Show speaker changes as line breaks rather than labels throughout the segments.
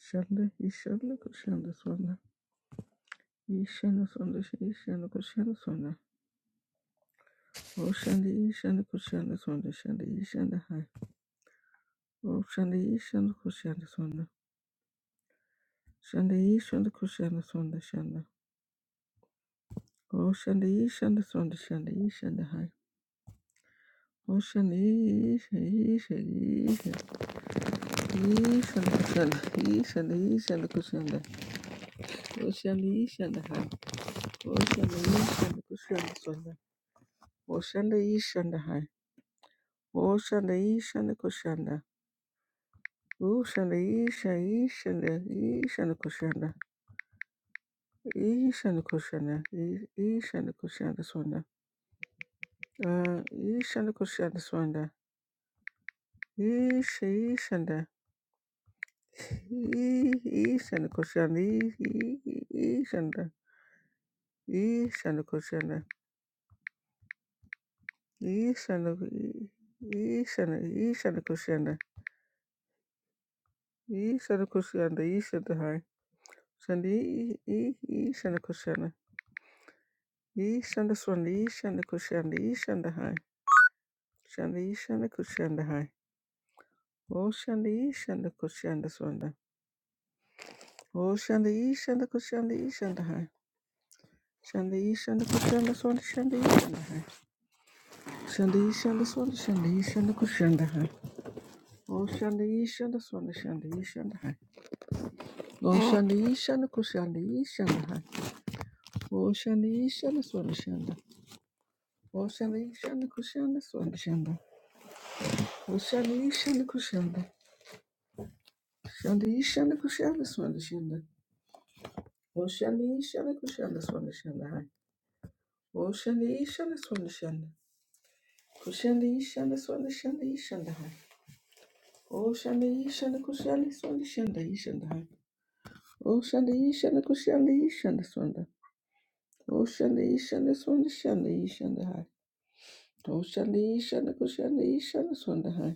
Shanda Ishanda Kushanda Swanda. Ishanda Swanda Ishanda Kushanda Swanda. O Shanda Ishanda Kushanda Swanda Shanda Ishanda Hai. O Shanda Ishanda Kushanda Swanda. Shanda Ishanda Kushanda Swanda Shanda. O Shanda Ishanda Swanda Shanda Ishanda Hai. O Shanda Ishanda Ishanda Ishanda Kushanda Ishanda Ishanda Kushanda. O Shanda Ishanda Hai. O Shanda Ishanda Kushanda Swanda. O Shanda Ishanda Hai. Oshanda Ishanda Koshanda. Oshanda Isha Ishanda Ishanda Koshanda. Ishanda Koshanda. I- Ishanda Koshanda Swanda. Uh Ishanda Koshanda Swanda. Isha Ishanda. I- Ishanda Koshanda. I- I- I- Ishanda. Ishanda Koshanda. Ishanda I- Ishanda Ishanda Koshanda. Ishanda Koshanda Ishanda High. Shandi Ishanda Koshanda. Ishanda swanda ishanda kushanda ishanda hai. Shanda ishanda kushanda hai. Oh shanda ishanda kushanda swanda. Oh shanda ishanda kushanda ishanda hai. Shanda ishanda kushanda swanda shanda ishanda hai. Shanda ishanda swanda shanda ishanda kushanda hai. Oh shanda ishanda swanda shanda ishanda hai. Oh shanda ishanda kushanda ishanda hai. Oh shanda ishanda swanda shanda. Oh shanda ishanda kushanda swanda shanda. Oh shanda ishanda kushanda. Shanda yishanda kushanda swanda shanda. Oshanda yishanda kushanda swanda shanda hai. Oshanda yishanda swanda shanda. Kushanda yishanda swanda shanda yishanda hai. Oshanda yishanda kushanda swanda shanda yishanda hai. Oshanda yishanda kushanda yishanda swanda. Oshanda yishanda swanda shanda yishanda hai. Oshanda yishanda kushanda yishanda swanda hai.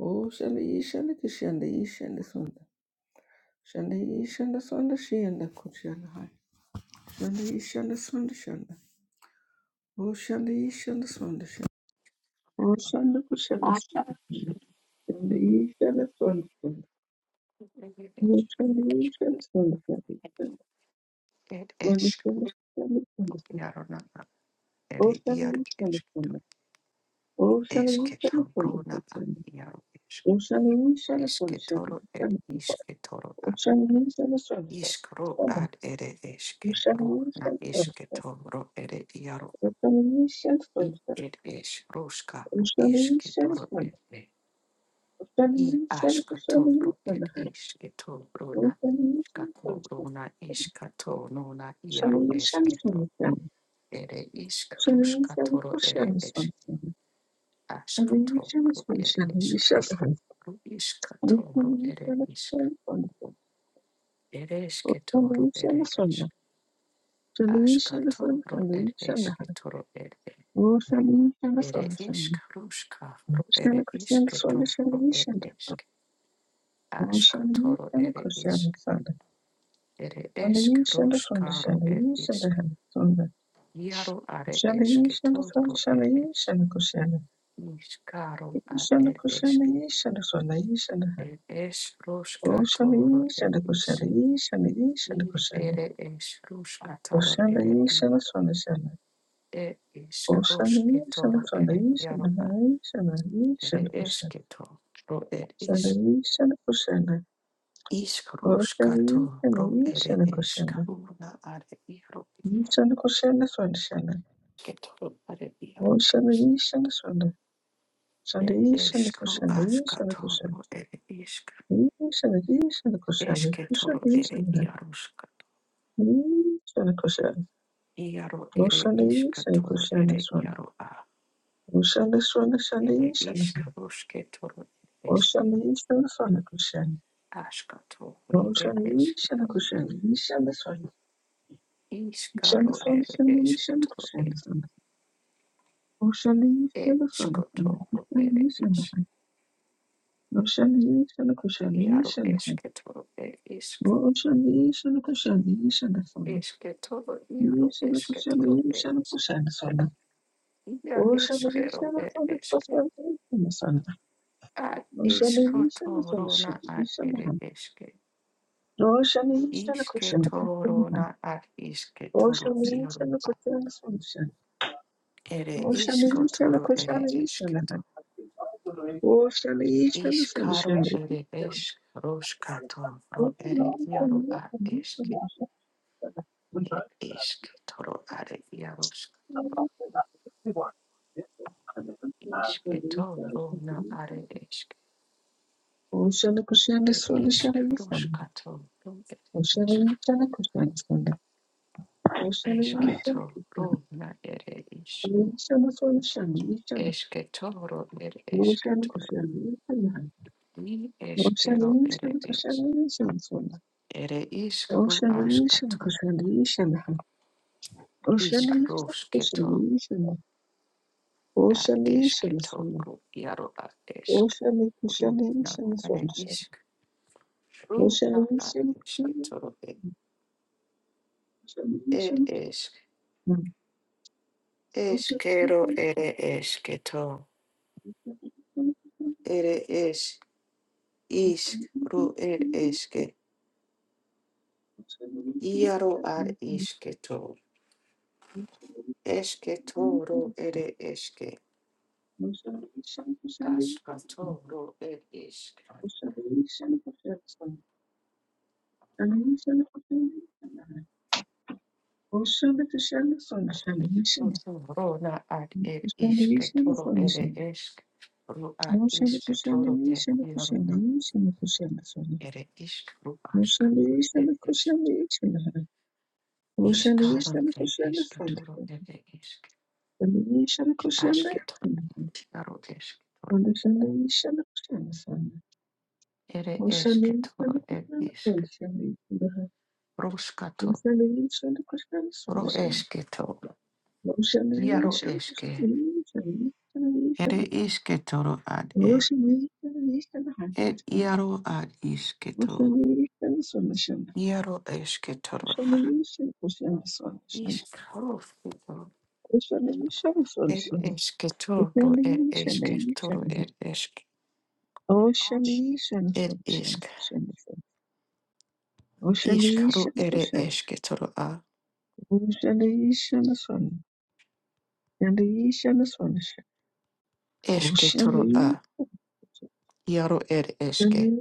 Oshanda yishanda kushanda yishanda swanda. Shanda yishanda swanda shanda kushanda hai. Shanda yishanda swanda shanda. Oshanda ishanda sonda shanda. Oshanda kushanda
Asha.
sonda. Shanda ishanda sonda Oshanda ishanda sonda shanda.
Ed
Shanda
esh
shanda
yarona ere yar
Oshanda ishanda sonda.
eshketor
Oshanda ishanda sonda
eshketorona yar esh
Oshanda ishanda sonda
eshketoro ed ishketoro a
Oshanda ishanda sonda Oshanda ishanda sonda
ishkro
Oshanda ishanda sonda
ad ere eshke
Oshanda
ru na
ishanda sonda.
ishketoro ere yaro i ed esh roshka ru ishketoro ed e
Oshanda
i
ishanda
ashkatoro
sonda
ed ishketoro na
Information function.
ishkatorona ishkatonona yaro
Solution, function.
ere ishk rushka
Solution
toro ere
question
ishk
function.
ashka
Solution function. Solution
toro ere
function. Solution
ishk
function.
ru ishka
Solution
toro ere ishk
function.
ere ishke toro
Solution
ere
function.
ishk ashka
Solution
toro ere ishke toro ere ere ishk rushka ru ere
question solution. Solution question
ishke
function.
toro ere
Solution
ishk ashka toro ere
function.
ishk ere ishk rushka ru ere
Solution
ishk Iaro are eske
function.
toro ere ishk
Solution function.
Ishkaro a
Ishana
ere
kushana ishana swana ishana hai.
Ed es roshka
Oshana
toro ed
ishana kushana
is
ishana ishana
i
kushana.
ere es roshka toro
Oshana
ere i
ishana swana shana.
ed is
Oshana
roshke
ishana
toro
swana
ere
ishana
iaro a
hai ishana
ere
ishana kushana.
eske to ro ed
Shana
is
ishana kushana.
is roshka
Oshana
to
ishana
ro ere
ishana
es
kushana.
karuna are iaro
Ishana kushana swana shana.
ke toro are iaro a
Oshana ishana swana. Shana
ed es
ishana
ro
kushana
aska
ishana kushana.
toro ere is
Ishana ishana kushana.
eske toro
Kushana
ere
ishana
iaro ska
hai. Ishana kushana.
iaro ere
Oshani,
iska
Yishana
toro
Kushana
ere
Swana.
iaro
Oshana Swana Shana
Ere
Yishana.
ishkaroshke toro eresh
Oshana Oshani, Swana Kushana.
ashka toro
Oshana
eresh
Yishana
toro ere
Kushana Yishana Swana. Yishana
ishkaro
Swana
ere
Shana
eshke
Yishana
toro
Kushana
ere
Swana. Oshana Yishana Swana
eshko
Shana
toro
Kushana
ere
Yishana.
ish
Oshana Yishana Kushana
iaro
Yishana.
eshke toro isk ishk
Oshana Yishana Kushana Yishana Swana.
eshke toro iaro
Yishana
eshke
Kushana
toro
Yishana
es
Kushana Swana.
ia
Oshana
eskero
Yishana
ere
Swana
eske
Kushana Yishana Swana.
ad
Oshana
ishko
Yishana Swana
toro na
Shana
ad ere
Yishana.
eske
Roshanisha
ishke
Kushana
toro
Kushana
na ad ishke toro
Roshanisha
iaro
Kushana Kushana
ad ere ishko
Roshanisha
toro ere
Kushana Kushana
eshke
Roshanisha Kushana Oceana Kushana Sunshana
Ishkaro
Ishana
ere esh roshkato ro
Oceana
ere
Ishana Kushana Oceana
yaro a eshke e ishk toro are yaroshk ishketo ro na are eshk e ishk roshkato ro ere eshk eshketo ro na ere ish
Ishana Kushana Ishana
eshketo ro ere
Ocean
eshketo
cushion,
i eshkero ere
oceanation,
esh
cushion, soda.
ere isk ro
Oceanation,
ashkato
cushion, oceanation,
ishk
cushion,
ad ishk
oceanation, soda.
toru yaro ad ishk
Ocean
ru na
cushion,
ad
soda.
ishk ru na ad
Oceanation,
ishk toru e, ed
oceanation,
ishk ishkero ere ishk to ere ish ishk ru ed ishk yaro ad ishk to ishk toru ere ishk ashka
oceanation,
toru ed ishk
Ocean,
Oto rona ad ed ishke toro ere ishk ru ad ishke toro e yarona ere ishk ru ashka ed ishk ishkaran e ishke toro ere ishk ashke toro yaro ishke toro ere ishke toro ed ishk rushka to ro ishke to
Rosalie,
yaro
shall I
ishke
Rosalie,
ere
Rosalie,
ishke toro ad ed
Rosalie, Rosalie, Rosalie,
ed yaro ad
Rosalie,
ishke to
Rosalie, Rosalie,
yaro ishke toro Ishkarofito, it ishketoro, it ishketoro, it ishk, it ishk, ishkaru,
Rosalie,
it ishketoro a, ishketoro a, yaru, it ishke,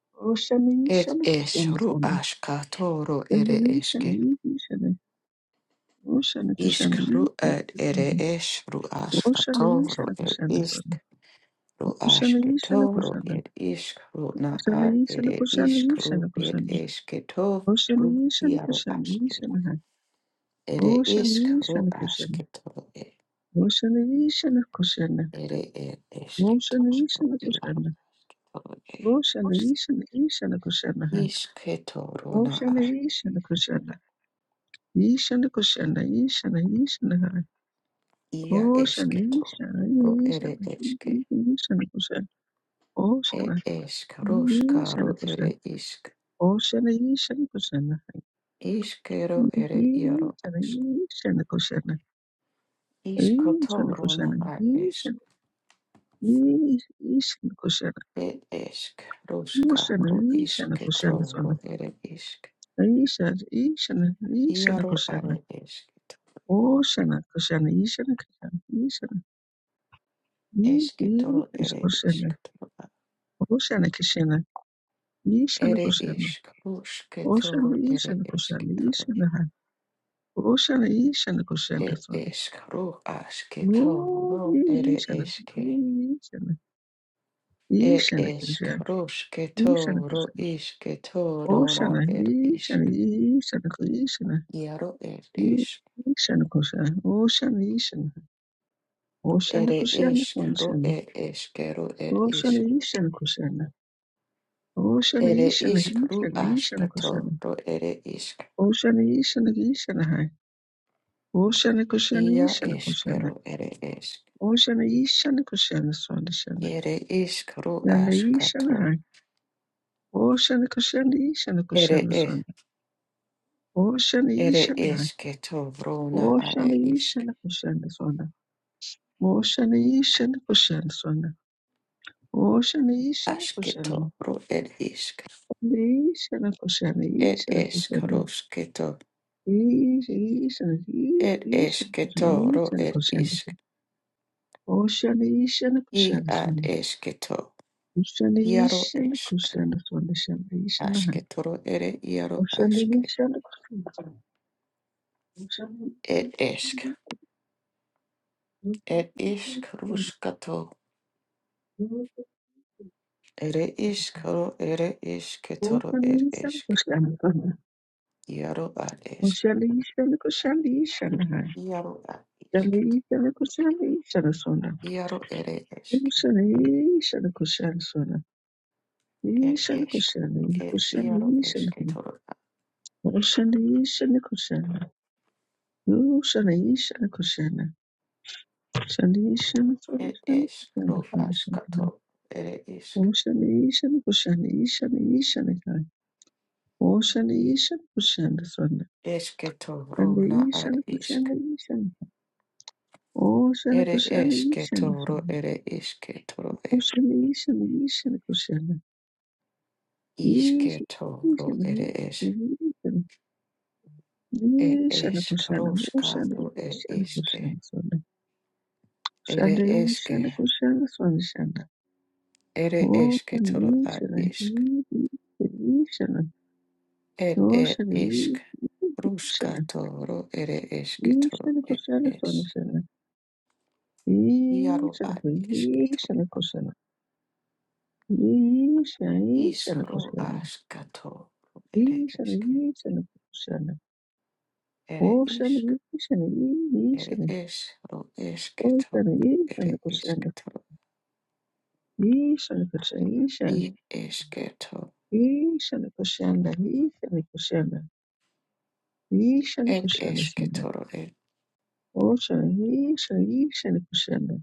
Rosalie, Rosalie,
it ishru
Rosalie,
ashkatoro, it
Shani,
ishke,
Shani, Shani. Oh, Shani, Kushani,
ishkaru,
Shani,
it it
Kushani.
ishru
Oh, Shani,
ashkatoro,
Shani,
it
Kushani,
ishk.
Swami. Oh,
Ru
Shani, Shani,
ashketoro,
Kushanda,
it
Kushani. Oh,
ishkru na ad,
Shani, Shani,
it
Kushani,
ishkru,
Shani,
it
Kushani.
ishketoro,
Oh, Shani, Shani,
yaru
Kushani, Shani, Hai.
Ere
Oh, Shani,
iskru
Shani, Kushani.
asketoro e.
Oh, Shani, Shani, Kushani.
Ere er
Oh, Shani,
esketoro
Shani,
iaro
Kushani.
asketoro e.
Oh, Shani, Shani, Shani, Kushani, Hai.
Isketoro
Oh,
na a.
Shani, Shani, Kushani. Ishani, Kushani, Ishani, Ishani, Hai.
Ia
Ocean,
esketoro.
Isha,
Ro
Isha,
ere eske.
Isha, Kusha, Ocean,
Et esk.
Isha,
Roskaro ere
Kusha,
isk.
Ocean, Isha, Kusha,
Iskero
Isha, Kusha,
ere iaro ask.
Isha, Kusha, Isha, Isha,
Iskotoro na
Kusha,
a esk. e esk. Roska. Ro
Ocean, Isha, Kusha, Sona,
isketoro ere isk.
Isha, Isha, Isha, Kusha, Ocean, Kusha, Isha, Kusha, Isha, Isha,
Iaro are esketoro. Esketoro ere isketoro.
Kusha, Ocean, Kusha, Isha,
Ere
Kusha,
ishk rush
Ocean
ketoro ere
Ishan Kushan
ishk toro.
Ishan Han Ocean Ishan Kushan
It
Tasuna
ishk ru ash
No
ketoro ere
Ishan
ishke.
Ishan
It
Ishan
ishk
Kushan
rush
Ishan
ketoro
Kushan
ishk ketoro
Ocean
na er
Ishan
ishk.
Ishan Kushan
Yaro er ishk.
Ishan Kushan Ocean Ishan Ocean
Ere
Kushan
ishk ru
Kushan
er ishke ru er ishk.
Ocean Ishan Kushan Ocean
Ere
Ishan
ishk ru
Ishan
ash
Ishan Kushan
ketoro ere ishk.
Ocean Ishan Ishan Hai Ocean Kushan
Ia
Ishan Kushan
ishke ru ere ishk.
Ocean Yishana Kushana Sonda Shana.
Ere ishk ru
Yanda
ash
Yishana
ketoro.
Hai. Ocean Kushana Yishana Kushana Sonda. Ocean
Ere
Yishana Hai.
esketo brona
Ocean
are isk.
Yishana Kushana Sonda. Ocean Yishana Kushana Sonda. Ocean Yishana Kushana.
Asketo ro ed isk.
Yishana Kushana
Ed
Yishana
esk
Kushana.
rosketo.
Yishana
Ed
Yishana
esketo
Kushana
ro
Yishana
ed
Kushana.
isk.
Ocean Yishana
I
Kushana
ad
Sonda.
esketo.
Ocean
Iaro
Yishana
esk.
Kushana Sonda Shana Yishana
Asketo ro ere
Kushana,
iaro aske. Ed esk. Ed isk ruskato. Ere isk ro ere isketo ro ed esk. Iaro ad esk. Iaro ad isk. Iaro ere esk. It is. It iaro esketoro. It is ro askato. Ere isk.
Ocean Asian Ocean Asian Asian guy. Ocean Asian Ocean son. And
Esketoro
the
na ar
Asian
isk.
Ocean Asian. Ocean
Ere
Ocean Asian
esketoro
son.
ere isketoro e.
Ocean Asian Asian Ocean. Asian Asian Asian
Isketoro ere es.
Asian
Et
Ocean Ocean Asian Ocean
esk
son. Ocean
roskaro e
Asian
iske.
Ocean son son.
Ere
Ocean Asian
eske.
Asian
Ere esketoro ar isk. Et e
Ocean
isk.
Asian
Ruskatoro ere esketoro
Ishana
et
koshana swana
es.
shana.
Iaro
Ishana
ar
ko
isk.
ishana koshana. Ishana ishana
Iskru
koshana.
askato ere
Ishana
iske
ishana koshana.
ere
Oshana
isk
ishana
ere
ishana.
esru esketo
Oshana ishana
ere
koshana.
isketo
Ishana koshana ishana.
i esketo
Ishana koshana ishana koshana. Ishana
ed
koshana swana.
esketoro ed
Oshana ishana ishana koshana.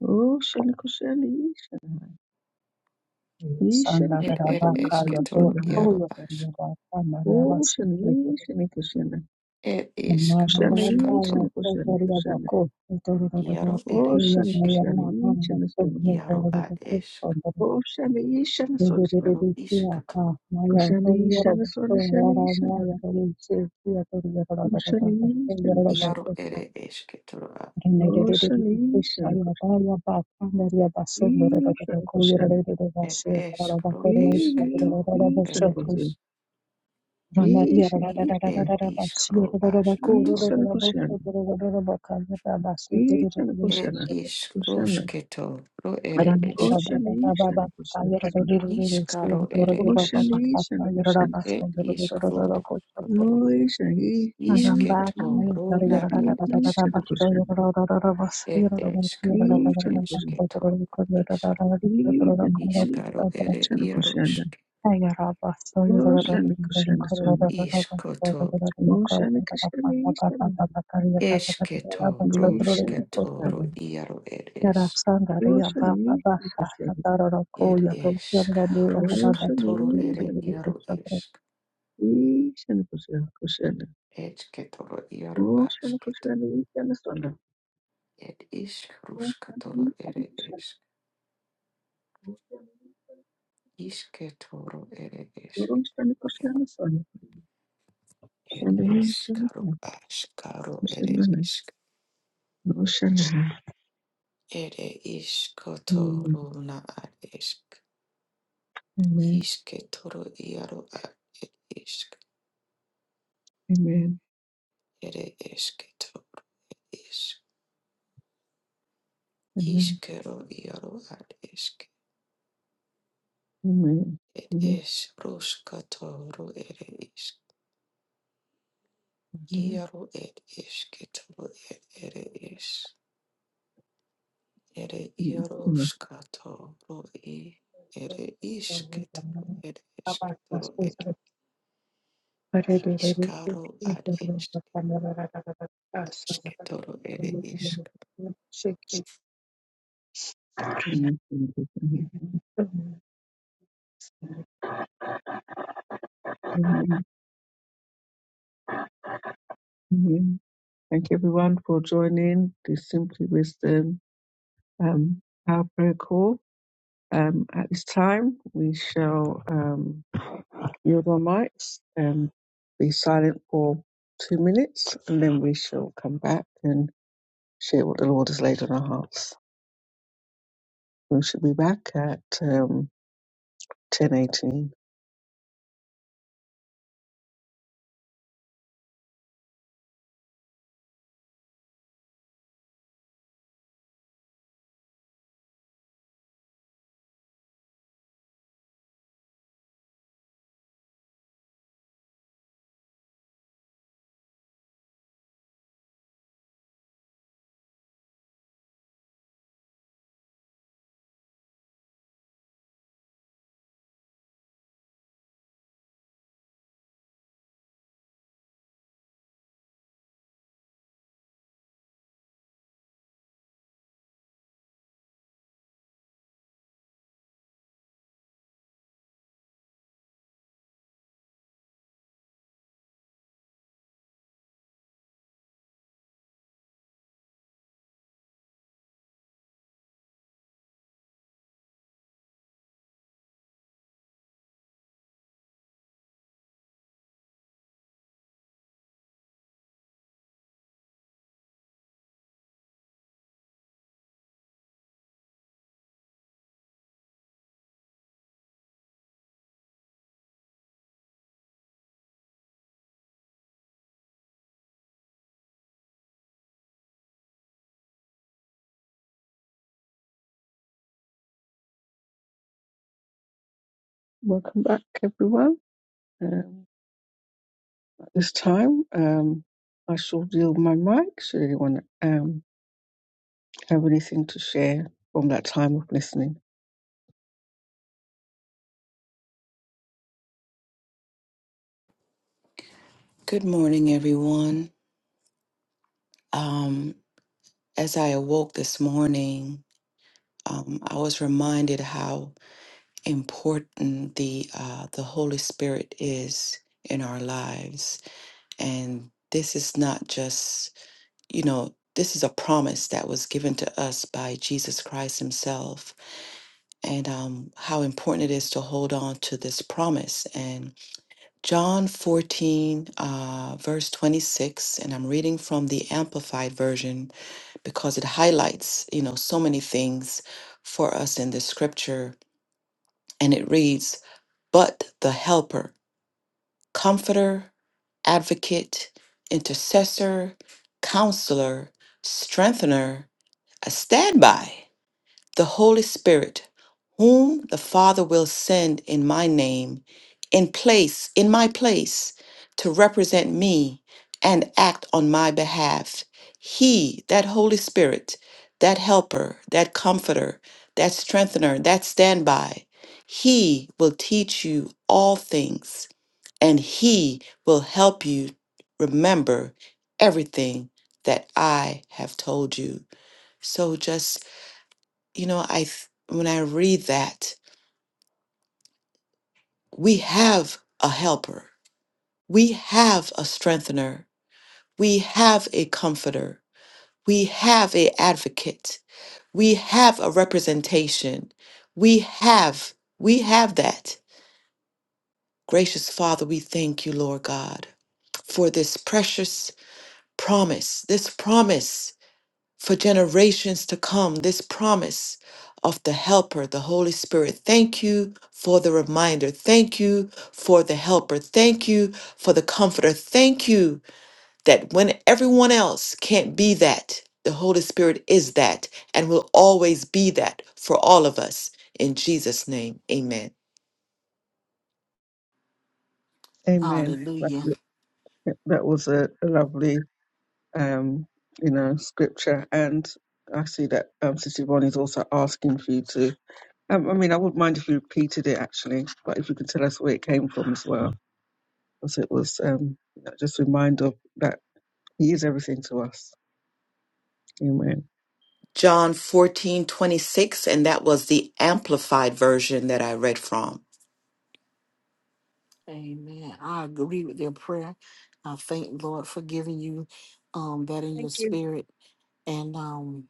Oshana koshana ishana. Ishana
ed ed
koshana
Sandarabakaya
ishana
for
esketoro
swana.
iaro
all of
ask
them
Kushana
Sandarabasiki
Ishana Kushana
ed
and
iskru
Kushana
Madarabaya
Ishana
skato
Kushana Kushana
Sandarabako
iaro
Sandarabakaya
ere
Kushana
eske
Sandarabako
Kushana
iaro ad esk
Sandarabakaya
Ishana Sona
iaro iskato
Maya
Kushana Ishana Sona Shana Kushana Ishana
Sandarabako
Sona Shana Ishana
Yaramaya
Kushana
Sandarabako
Ishana Kushana
iaro ere esketoro a
Kushana Ishana Kushana Ishana Kushana
ed eskru esketo
Ishana
ere
Kushana
isk
Ramaria
Isha
i
Ishana
ed
Rarabasi
iskru
Rodoroko
askato
Ishana
Rodoroboso
Kushana
Rodoroboka Rabasi
Ishana
Er
Kushana
ish
Kushana
roshketo ro ere eske.
Kushana Ishana Kushana Sona
Ishkaro ere
Kushana
eske.
Ishana Kushana
Er
Sona
isk ro ashketo.
Isha, Isha, Isha,
Ishketo rona er eske.
Kushanda,
Er esk ro
Isha, Kushanda,
esketo. Isk.
Isha,
Ishkaro
Ramba
ere
Isha, Kushanda,
iaroske. I
Oshanda, Kushanda, Sonda,
ishkoto.
Oshanda, Kushanda, Isha,
Esketo
Isha,
roshketo ro
Kushanda,
iaro er es.
Oshanda, Isha, Kushanda,
Er esk
Oshanda,
roshkato ro
Isha,
ere
Isha,
iaro esk.
Kushanda, Kushanda, Oshanda, Kushanda, Isha, Sonda, Oshanda, Isha, Kushanda, Oshanda, Kushanda,
Esketoro iaro asketo. Ed ish karushka ere ish. Ishke toro ere ish. Ed
Sonda,
ish
Oshanda,
karu
Isha,
ash karu ere
Ocean,
ish.
ocean.
Ere ish
Amen.
kotoro na ad ish.
Amen.
Ishke toro iaro ad ed ish.
Amen.
Ere ishke toro ish.
Amen.
Ishkero iaro ad ish.
Amen.
Ed
Amen.
ish rushka ere ish.
Amen.
Iaro ed ishke ed ere ish. Ere
Amen.
Yaroshkato Roi Ere Ishketoro Ere Ishketoro Ere Ishkaro Ad Ishketoro Ere Ishk.
Amen. Amen. Amen. Amen. Thank you everyone for joining the Simply Wisdom um our prayer call. Um at this time we shall um yield our mics and be silent for two minutes and then we shall come back and share what the Lord has laid on our hearts. We should be back at um, 1018. Welcome back, everyone. Um, at this time, um, I shall yield my mic should anyone um, have anything to share from that time of listening.
Good morning, everyone. Um, as I awoke this morning, um, I was reminded how important the uh, the Holy Spirit is in our lives, and this is not just you know this is a promise that was given to us by Jesus Christ Himself and um, how important it is to hold on to this promise. And John 14, uh, verse 26, and I'm reading from the Amplified Version because it highlights, you know, so many things for us in this scripture. And it reads, But the Helper, Comforter, Advocate, Intercessor, Counselor, Strengthener, a standby. the Holy Spirit, whom the Father will send in my name, in place, in my place, to represent me and act on my behalf. He, that Holy Spirit, that helper, that comforter, that strengthener, that standby, he will teach you all things and he will help you remember everything that I have told you. So just you know i th- when i read that we have a helper we have a strengthener we have a comforter we have a advocate we have a representation we have we have that gracious lord god precious promise for nations to come promise of the help spirit for helper thank you comforter thank you that when else can't be, it, the holy spirit is that and will always be. all of us. In Jesus' name, amen.
Amen. That
Hallelujah.
that was a, a lovely, um, you know, scripture. And I see that um, Sister Yvonne is also asking for you to, um, I mean, I wouldn't mind if you repeated it actually, but if you could tell us where it came from as well, because it was um, you know, just a reminder of that He is everything to us. Amen.
Amen. I agree with their prayer. I thank Lord for giving you um that in your
Thank you.
spirit. And um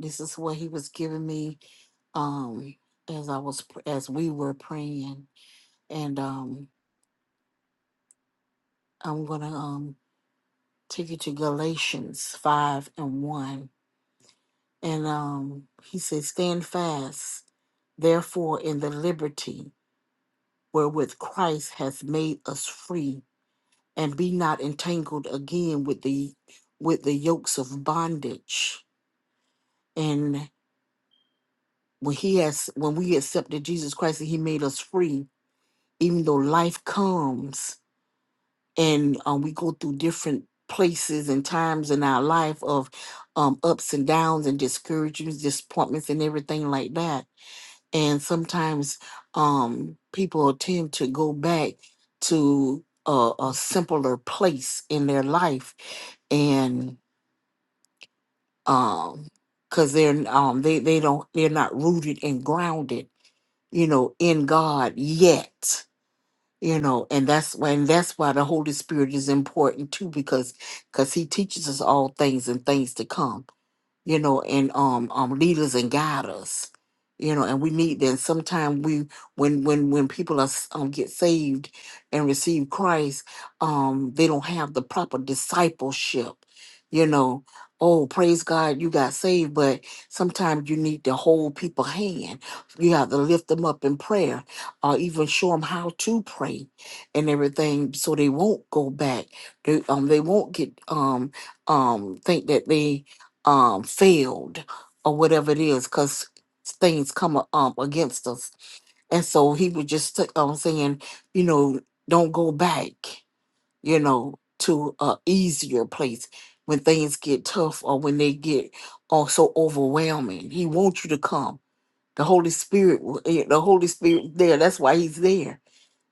this is what he was giving me um as I was as we were praying. And um I'm gonna um take you to Galatians five and one. And um he says, Stand fast, therefore in the liberty wherewith Christ hath made us free and be not entangled again with the with the yokes of bondage and when he has when we accepted jesus christ and he made us free even though life comes and um, we go through different places and times in our life of um, ups and downs and discouragements disappointments and everything like that and sometimes um, people tend to go back to a, a simpler place in their life and um because they're um they they don't they're not rooted and grounded you know in god yet you know and that's why and that's why the holy spirit is important too because because he teaches us all things and things to come you know, and um, um, leaders and guiders. you know, and we need them. Sometimes we, when when when people are s- um, get saved and receive Christ, um, they don't have the proper discipleship, you know. Oh, praise God, you got saved, but sometimes you need to hold people hand. You have to lift them up in prayer, or even show them how to pray, and everything, so they won't go back. They um, they won't get um um think that they um failed or whatever it is because things come a- um against us and so he was just t- um, saying, you know, don't go back, you know, to a easier place when things get tough or when they get also overwhelming. He wants you to come. The Holy Spirit, will- eh, the Holy Spirit, there. That's why He's there.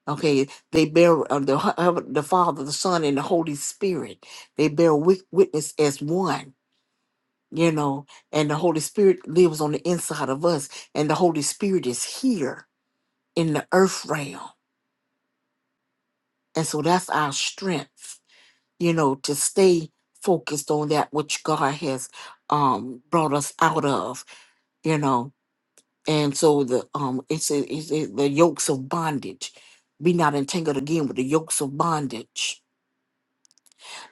Okay, they bear uh, the hu- uh, the Father, the Son, and the Holy Spirit. They bear wit- witness as one you know, and the Holy Spirit lives on the inside of us, and the Holy Spirit is here in the earth realm. And so that's our strength, you know, to stay focused on that which God has um brought us out of, you know. And so the um it's, it's, it's the yokes of bondage. Be not entangled again with the yokes of bondage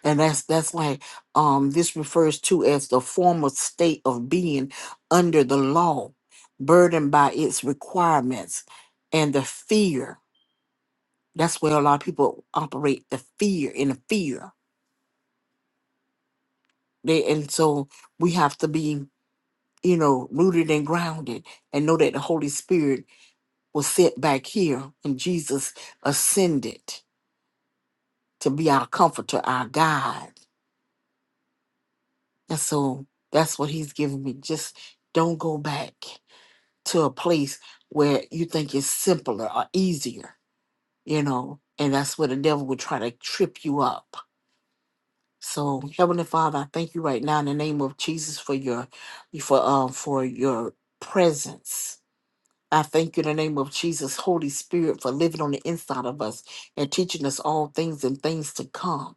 and that's that's like um this refers to as the former state of being under the law burdened by its requirements and the fear that's where a lot of people operate the fear in the fear they and so we have to be you know rooted and grounded and know that the holy spirit was set back here and jesus ascended to be our comforter our guide and so that's what he's giving me just don't go back to a place where you think it's simpler or easier, you know, and that's where the devil will try to trip you up. So, Heavenly Father, I thank you right now in the name of Jesus for your for um for your presence. I thank you in the name of Jesus, Holy Spirit, for living on the inside of us and teaching us all things and things to come.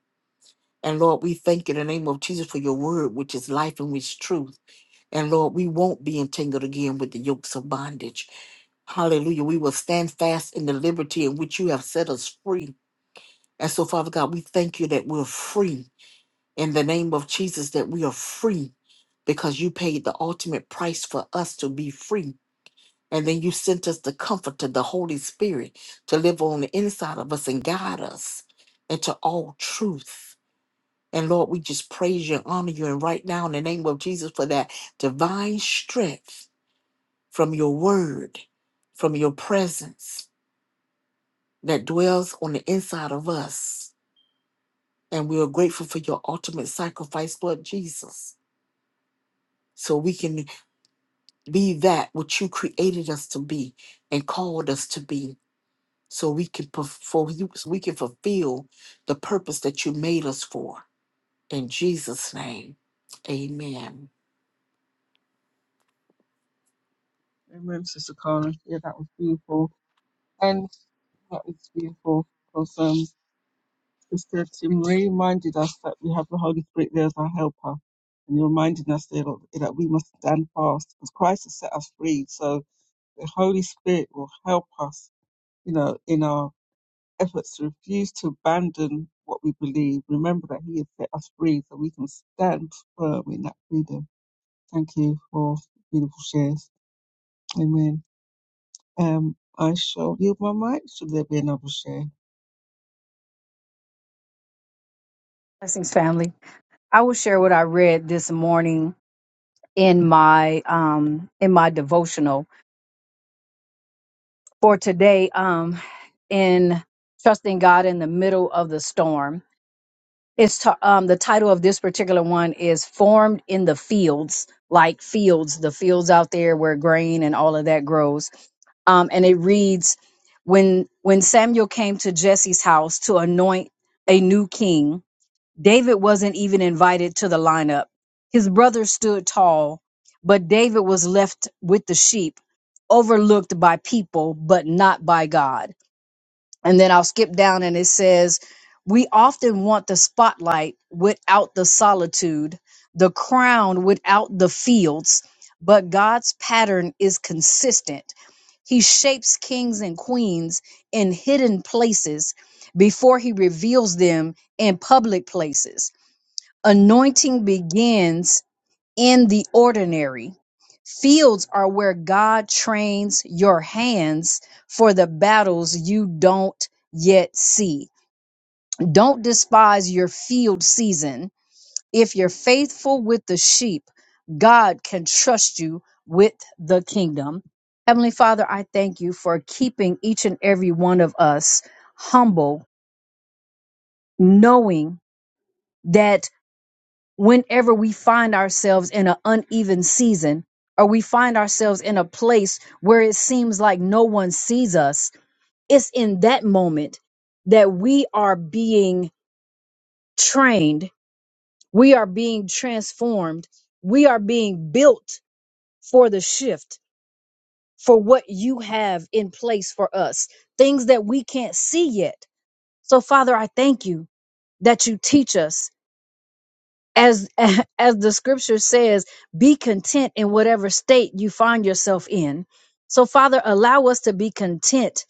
And Lord, we thank you in the name of Jesus for your word, which is life and which is truth. And Lord, we won't be entangled again with the yokes of bondage. Hallelujah. We will stand fast in the liberty in which you have set us free. And so, Father God, we thank you that we're free in the name of Jesus, that we are free because you paid the ultimate price for us to be free. And then you sent us the comforter, the Holy Spirit, to live on the inside of us and guide us into all truth. And Lord, we just praise you and honor you. And right now, in the name of Jesus, for that divine strength from your word, from your presence. that dwells on the inside of us. And we are grateful for your ultimate sacrifice, Lord Jesus, so we can be that which you created us to be and called us to be, so we can perform, so we can fulfill the purpose that you made us for. In Jesus' name, amen.
Amen, Sister Carla. Yeah, that was beautiful. And that is beautiful because um, Sister Tim Ray reminded us that we have the Holy Spirit there as our helper. And you're reminding us there that that we must stand fast because Christ has set us free. So the Holy Spirit will help us, you know, in our efforts to refuse to abandon what we believe. Remember that He has set us free so we can stand firm in that freedom. Thank you for beautiful shares. Amen. Um, I shall yield my mic. Should there be another share?
Blessings, family. I will share what I read this morning in my um in my devotional for today um in trusting God in the middle of the storm. It's t- um the title of this particular one is formed in the fields, like fields, the fields out there where grain and all of that grows. Um and it reads when when Samuel came to Jesse's house to anoint a new king, David wasn't even invited to the lineup. His brother stood tall, but David was left with the sheep, overlooked by people, but not by God. And then I'll skip down and it says, We often want the spotlight without the solitude, the crown without the fields, but God's pattern is consistent. He shapes kings and queens in hidden places before he reveals them in public places. Anointing begins in the ordinary. Fields are where God trains your hands for the battles you don't yet see. Don't despise your field season. If you're faithful with the sheep, God can trust you with the kingdom. Heavenly Father, I thank you for keeping each and every one of us humble, knowing that. whenever we find ourselves in an uneven season or we find ourselves in a place where it seems like no one sees us, it's in that moment that we are being trained, we are being transformed, we are being built for the shift, for what you have in place for us, things that we can't see yet. So, Father, I thank you that you teach us as as the scripture says be content in whatever state you find yourself in so father allow us to be content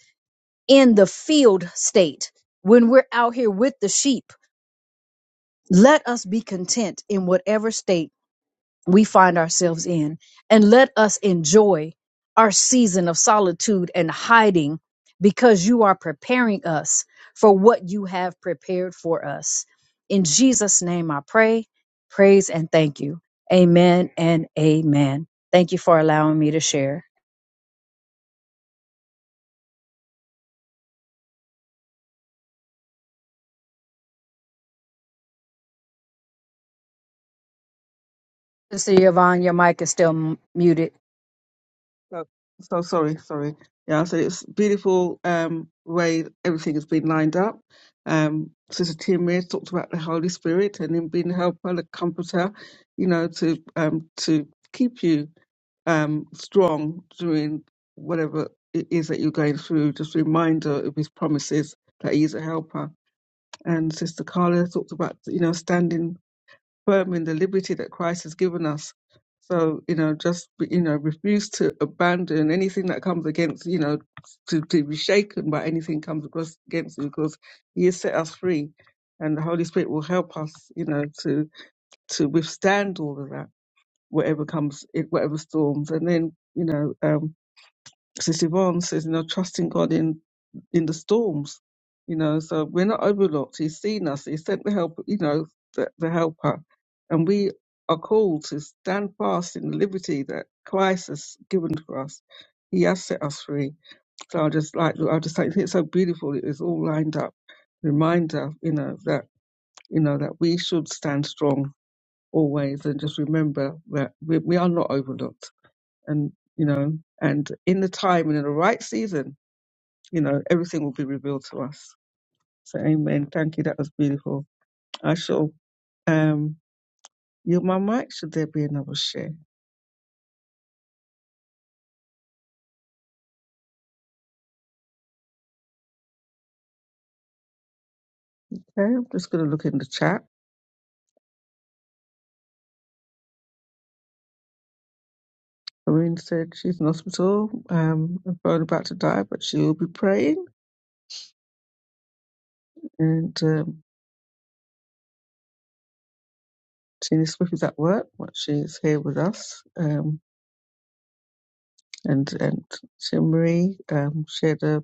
in the field state when we're out here with the sheep let us be content in whatever state we find ourselves in. And let us enjoy our season of solitude and hiding because you are preparing us for what you have prepared for us. In Jesus' name I pray, praise, and thank you. Amen and amen. Thank you for allowing me to share. Sister Yvonne, your mic is still m- muted.
No. So sorry, sorry. Yeah, so it's beautiful um, way everything has been lined up. Um, Sister Timmy talked about the Holy Spirit and him being the helper, the comforter, you know, to um, to keep you um, strong during whatever it is that you're going through. Just a reminder of his promises that he is a helper. And Sister Carla talked about, you know, standing firm in the liberty that Christ has given us. So, you know, just, you know, refuse to abandon anything that comes against, you know, to, to be shaken by anything comes across against you because he has set us free and the Holy Spirit will help us, you know, to, to withstand all of that, whatever comes, whatever storms. And then, you know, um, Sister Yvonne says, you know, trusting God in in the storms. You know, so we're not overlooked. He's seen us. He sent the help. You know, the, the helper, and we are called to stand fast in the liberty that Christ has given to us. He has set us free. So I just like I just think it's so beautiful. It is all lined up. Reminder, you know, that you know that we should stand strong always, and just remember that we, we are not overlooked. And you know, and in the time and in the right season, you know, everything will be revealed to us. So amen. Thank you. That was beautiful. I shall um yield my mic. Should there be another share? Okay, I'm just gonna look in the chat. Irene said she's in hospital, um, and probably about to die, but she will be praying. And um, Tina Swift is at work, but she is here with us. Um, and and Tim Marie um, shared a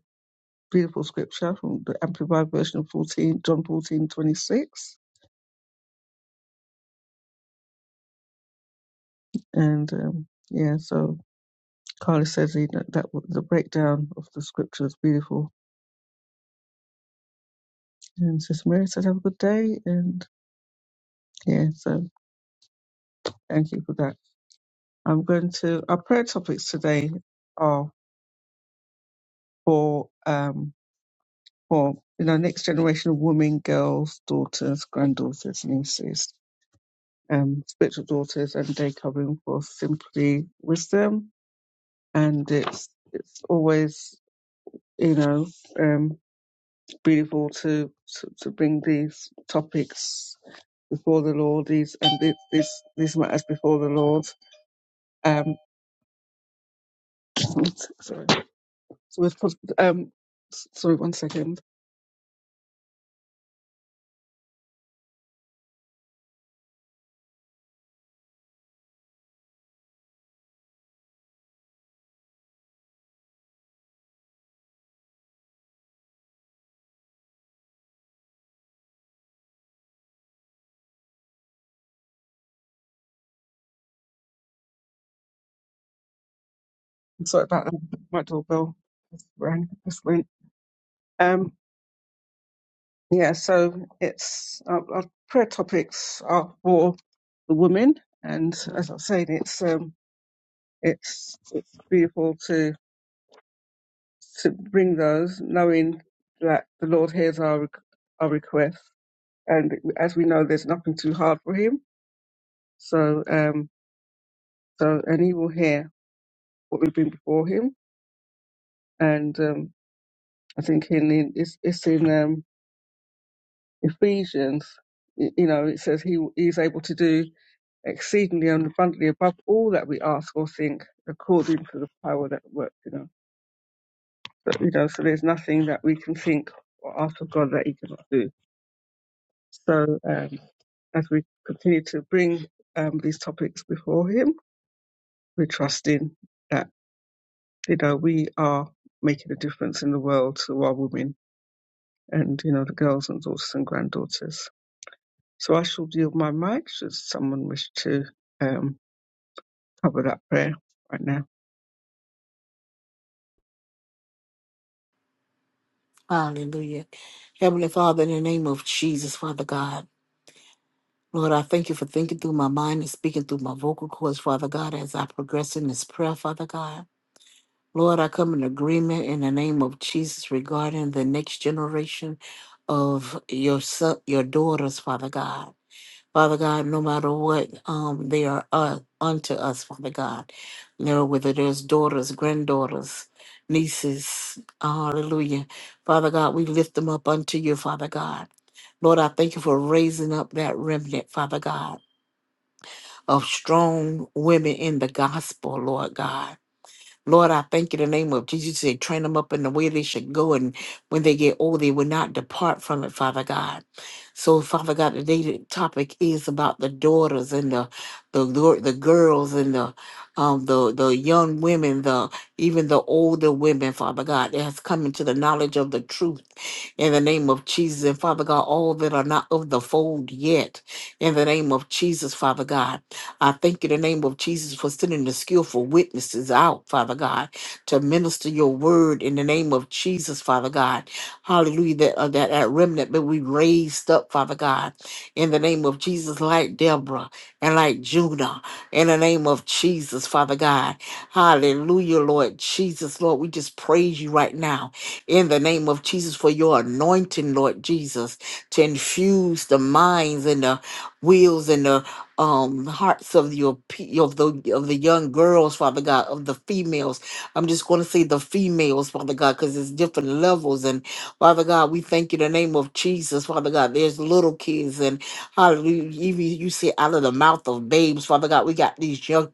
beautiful scripture from the Amplified version of 14, John 14:26. And um, yeah, so Carla says he, that that w- the breakdown of the scripture was beautiful. And Sister Mary said, "Have a good day." And yeah, so thank you for that. I'm going to our prayer topics today are for um for you know next generation of women, girls, daughters, granddaughters, nieces, um, spiritual daughters, and day covering for simply wisdom. And it's it's always you know um beautiful to to, to bring these topics before the Lord. These and this this these matters before the Lord. Um, sorry. So we've put um, s- sorry, one second. I'm sorry about that. My doorbell rang. Just went. Um, yeah. So it's our, our prayer topics are for the women, and as I said, it's um, it's it's beautiful to to bring those, knowing that the Lord hears our rec- our requests, and as we know, there's nothing too hard for Him. So um, So, and he will hear what we bring before him. And um, I think in, in it's, it's in um, Ephesians, y- you know, it says he is able to do exceedingly and abundantly above all that we ask or think, according to the power that works in us. So, you know, so there's nothing that we can think or ask of God that He cannot do. So, um, as we continue to bring um, these topics before Him, we're trusting that you know we are making a difference in the world to our women and you know the girls and daughters and granddaughters. So I shall yield my mic should someone wish to um, cover that prayer right now.
Hallelujah. Heavenly Father, in the name of Jesus, Father God, Lord, I thank you for thinking through my mind and speaking through my vocal cords, Father God, as I progress in this prayer, Father God. Lord, I come in agreement in the name of Jesus regarding the next generation of your son, your daughters, Father God. Father God, no matter what um, they are uh, unto us, Father God, Lord, whether there's daughters, granddaughters, nieces, hallelujah. Father God, we lift them up unto you, Father God. Lord, I thank you for raising up that remnant, Father God, of strong women in the gospel, Lord God. Lord, I thank you in the name of Jesus. You said, train them up in the way they should go. And when they get old, they will not depart from it, Father God. So, Father God, today's topic is about the daughters and the the gir- the girls and the um the the young women, the even the older women, Father God, that has come into the knowledge of the truth in the name of Jesus. And Father God, all that are not of the fold yet, in the name of Jesus, Father God. I thank you in the name of Jesus for sending the skillful witnesses out, Father God, to minister your word in the name of Jesus, Father God. Hallelujah. That, uh, that, that remnant that we raised up, Father God, in the name of Jesus, like Deborah and like Judah, in the name of Jesus, Father God. Hallelujah, Lord Jesus. Lord, we just praise you right now in the name of Jesus for your anointing, Lord Jesus, to infuse the minds and the wills and the um hearts of your pe- of the of the young girls father god of the females i'm just going to say the females father god because it's different levels and father god we thank you in the name of jesus father god there's little kids and hallelujah even you say out of the mouth of babes father god we got these young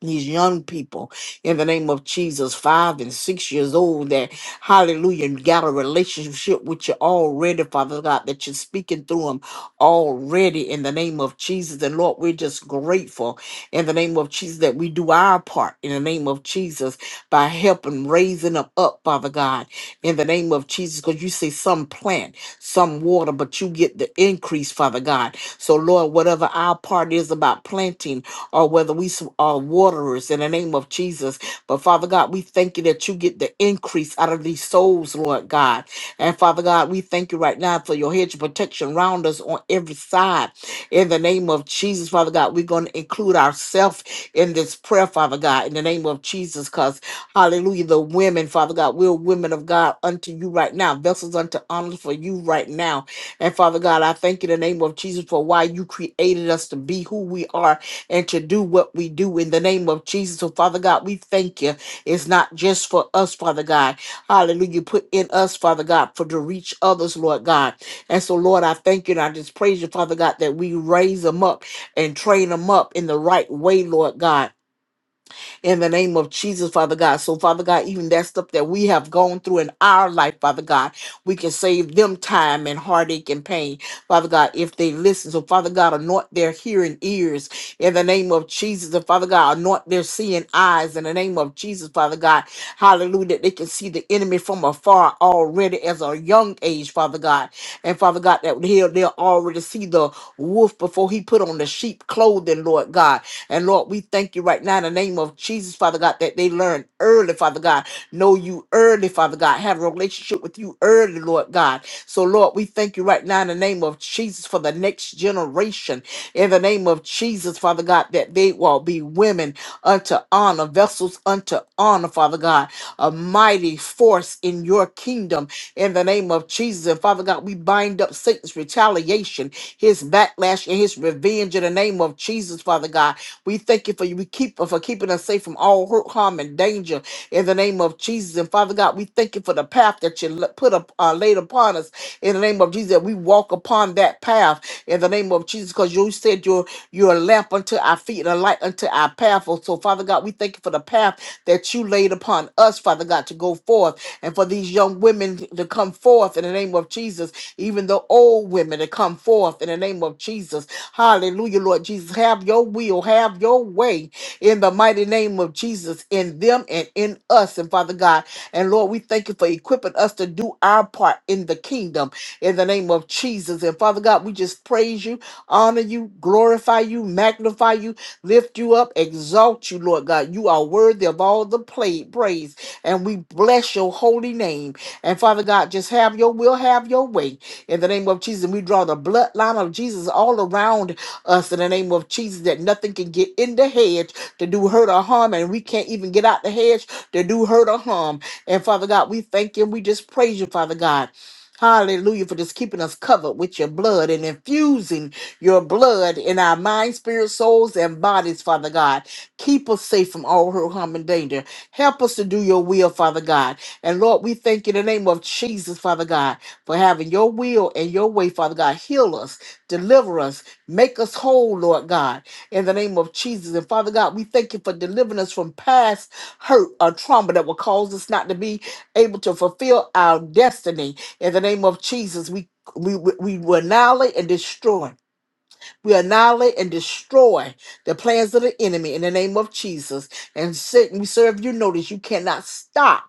these young people in the name of Jesus, five and six years old, that hallelujah, got a relationship with you already, Father God, that you're speaking through them already in the name of Jesus. And Lord, we're just grateful in the name of Jesus that we do our part in the name of Jesus by helping raising them up, Father God, in the name of Jesus. Because you say some plant, some water, but you get the increase, Father God. So, Lord, whatever our part is about planting or whether we s- are waterers in the name of Jesus, but Father God, we thank you that you get the increase out of these souls, Lord God and Father God, we thank you right now for your hedge of protection round us on every side. In the name of Jesus, Father God, we're going to include ourselves in this prayer, Father God, in the name of Jesus, because hallelujah, the women, Father God, we're women of God unto you right now, vessels unto honor for you right now. And Father God, I thank you in the name of Jesus for why you created us to be who we are and to do what we do in the name of Jesus. So, Father God, we thank you. It's not just for us, Father God. Hallelujah. put in us, Father God, for to reach others, Lord God. And so, Lord, I thank you and I just praise you, Father God, that we raise them up and train them up in the right way, Lord God in the name of Jesus, Father God. So, Father God, even that stuff that we have gone through in our life, Father God, we can save them time and heartache and pain, Father God, if they listen. So, Father God, anoint their hearing ears in the name of Jesus. And Father God, anoint their seeing eyes in the name of Jesus, Father God. Hallelujah. That they can see the enemy from afar already as a young age, Father God. And Father God, that they'll, they'll already see the wolf before he put on the sheep clothing, Lord God. And Lord, we thank you right now in the name of Jesus, Father God, that they learn early, Father God, know you early, Father God, have a relationship with you early, Lord God. So, Lord, we thank you right now in the name of Jesus for the next generation. In the name of Jesus, Father God, that they will be women unto honor, vessels unto honor, Father God, a mighty force in your kingdom. In the name of Jesus, and Father God, we bind up Satan's retaliation, his backlash, and his revenge in the name of Jesus, Father God. We thank you for you. We keep for keeping us safe from all hurt, harm, and danger in the name of Jesus. And Father God, we thank you for the path that you le- put up uh, laid upon us in the name of Jesus. That we walk upon that path in the name of Jesus, because you said you're you're a lamp unto our feet and a light unto unto our path. Oh, so Father God, we thank you for the path that you laid upon us, Father God, to go forth and for these young women to come forth in the name of Jesus, even the old women to come forth in the name of Jesus. Hallelujah, Lord Jesus. Have your will, have your way in the mighty name of Jesus in them and in us. And Father God, and Lord, we thank you for equipping us to do our part in the kingdom in the name of Jesus. And Father God, we just praise you, honor you, glorify you, magnify you lift you up, exalt you, Lord God. You are worthy of all the play, praise, and we bless your holy name. And Father God, just have your will, have your way. In the name of Jesus, we draw the bloodline of Jesus all around us in the name of Jesus that nothing can get in the hedge to do hurt or harm, and we can't even get out the hedge to do hurt or harm. And Father God, we thank you and we just praise you, Father God. Hallelujah, for just keeping us covered with your blood and infusing your blood in our minds, spirits, souls, and bodies, Father God. Keep us safe from all hurt, harm, and danger. Help us to do your will, Father God. And Lord, we thank you in the name of Jesus, Father God, for having your will and your way, Father God. Heal us, deliver us, make us whole, Lord God, in the name of Jesus. And Father God, we thank you for delivering us from past hurt or trauma that will cause us not to be able to fulfill our destiny. In the name of Jesus, we we, we we will annihilate and destroy we annihilate and destroy the plans of the enemy in the name of Jesus. And Satan, we serve you notice you cannot stop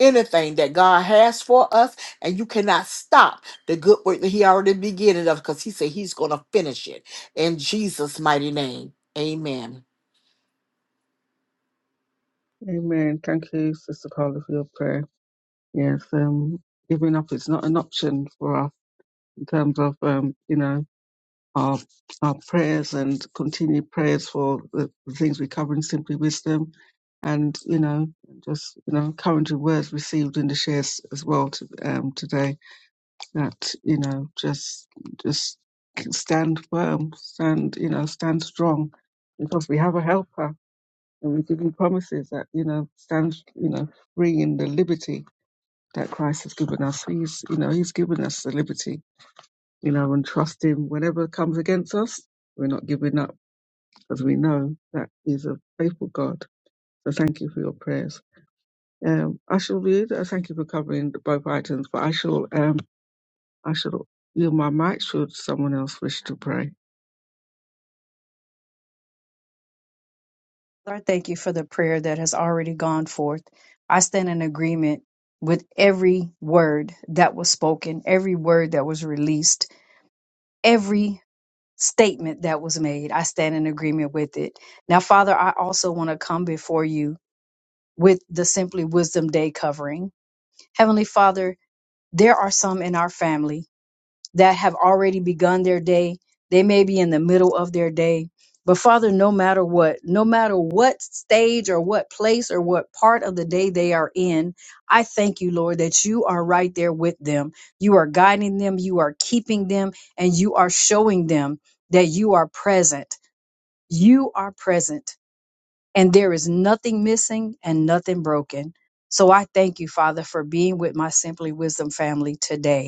anything that God has for us, and you cannot stop the good work that He already beginning of because He said He's gonna finish it in Jesus' mighty name. Amen.
Amen. Thank you, Sister Carla, for your prayer. Yes, um, giving up is not an option for us in terms of um, you know our our prayers and continued prayers for the, the things we cover in Simply Wisdom, and you know just you know encouraging words received in the shares as well to, um, today that you know just just stand firm stand you know stand strong because we have a helper and we're given promises that you know stand you know free in the liberty that christ has given us he's you know he's given us the liberty you know and trust him whenever comes against us we're not giving up as we know that he's a faithful god so thank you for your prayers um, I shall read. Uh, thank you for covering both items, but I shall. Um, I should yield my mic should someone else wish to pray.
Lord, thank you for the prayer that has already gone forth. I stand in agreement with every word that was spoken, every word that was released every statement that was made. I stand in agreement with it. Now, Father, I also want to come before you with the Simply Wisdom Day covering. Heavenly Father, there are some in our family that have already begun their day. They may be in the middle of their day. But Father, no matter what, no matter what stage or what place or what part of the day they are in, I thank you, Lord, that you are right there with them. You are guiding them, you are keeping them, and you are showing them that you are present. You are present, and there is nothing missing and nothing broken. So I thank you, Father, for being with my Simply Wisdom family today.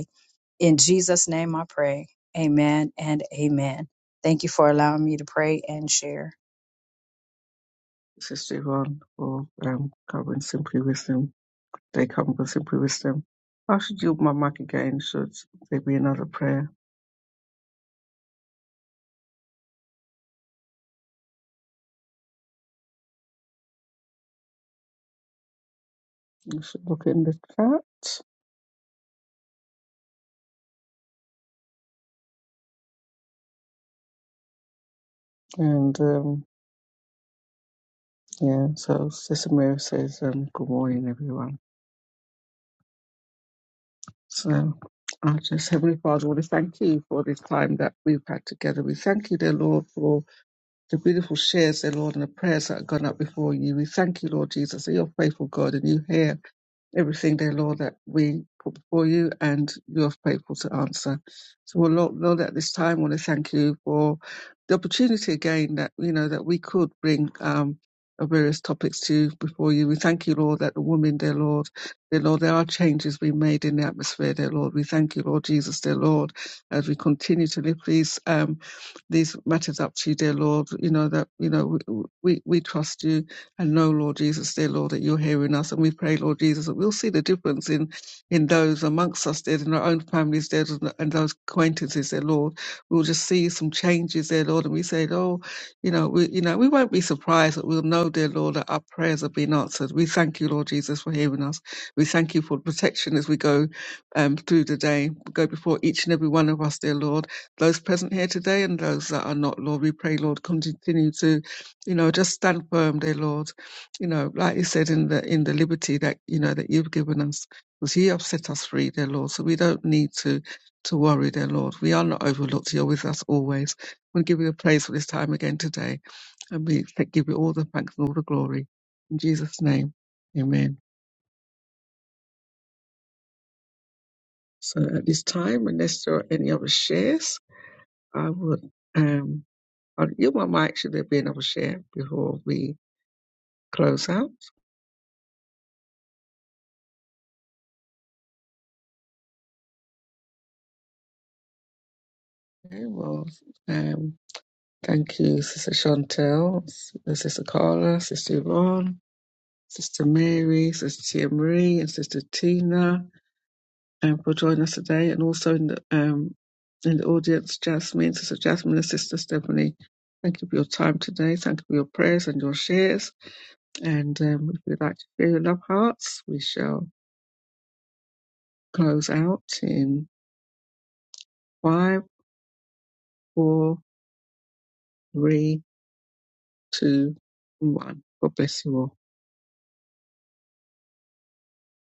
In Jesus' name I pray. Amen and amen. Thank you for allowing me to pray and share.
Sister Yvonne or um, covering Simply Wisdom, they come with Simply Wisdom. I should yield my mic again should there be another prayer. You should look in the chat. And um, yeah, so Sister Mary says, um, Good morning, everyone. So, I just, Heavenly Father, want to thank you for this time that we've had together. We thank you, dear Lord, for the beautiful shares, dear Lord, and the prayers that have gone up before you. We thank you, Lord Jesus, that you're faithful God and you hear everything, dear Lord, that we put before you, and you are faithful to answer. So, well, Lord, Lord, at this time, I want to thank you for the opportunity again that you know that we could bring um, our various topics to you before you. We thank you, Lord, that the women, dear Lord, dear Lord, there are changes being made in the atmosphere, dear Lord. We thank you, Lord Jesus, dear Lord, as we continue to lift these um, these matters up to you, dear Lord. You know that you know we we, we trust you and know, Lord Jesus, dear Lord, that you're hearing us. And we pray, Lord Jesus, that we'll see the difference in, in those amongst us, dear, in our own families, dear, and those acquaintances, dear Lord. We'll just see some changes, dear Lord. And we say, oh, you know, we, you know, we won't be surprised that we'll know, dear Lord, that our prayers have been answered. We thank you, Lord Jesus, for hearing us. We thank you for protection as we go um, through the day. Go before each and every one of us, dear Lord. Those present here today and those that are not, Lord, we pray, Lord, continue to you know just stand firm dear lord you know like you said in the in the liberty that you know that you've given us because you have set us free dear lord so we don't need to to worry dear lord we are not overlooked you're with us always we give you the praise for this time again today and we th- give you all the thanks and all the glory in jesus name amen so at this time unless there are any other shares i would um I'll yield my mic should there be another share before we close out okay well um, Thank you, Sister Chantel, S- Sister Carla, Sister Yvonne, Sister Mary, Sister Tia Marie, and Sister Tina um, for joining us today, and also in the um, in the audience, Jasmine, Sister Jasmine, and Sister Stephanie. Thank you for your time today. Thank you for your prayers and your shares. And um, if you'd like to share your love hearts, we shall close out in five, four, three, two, and one. God bless you all.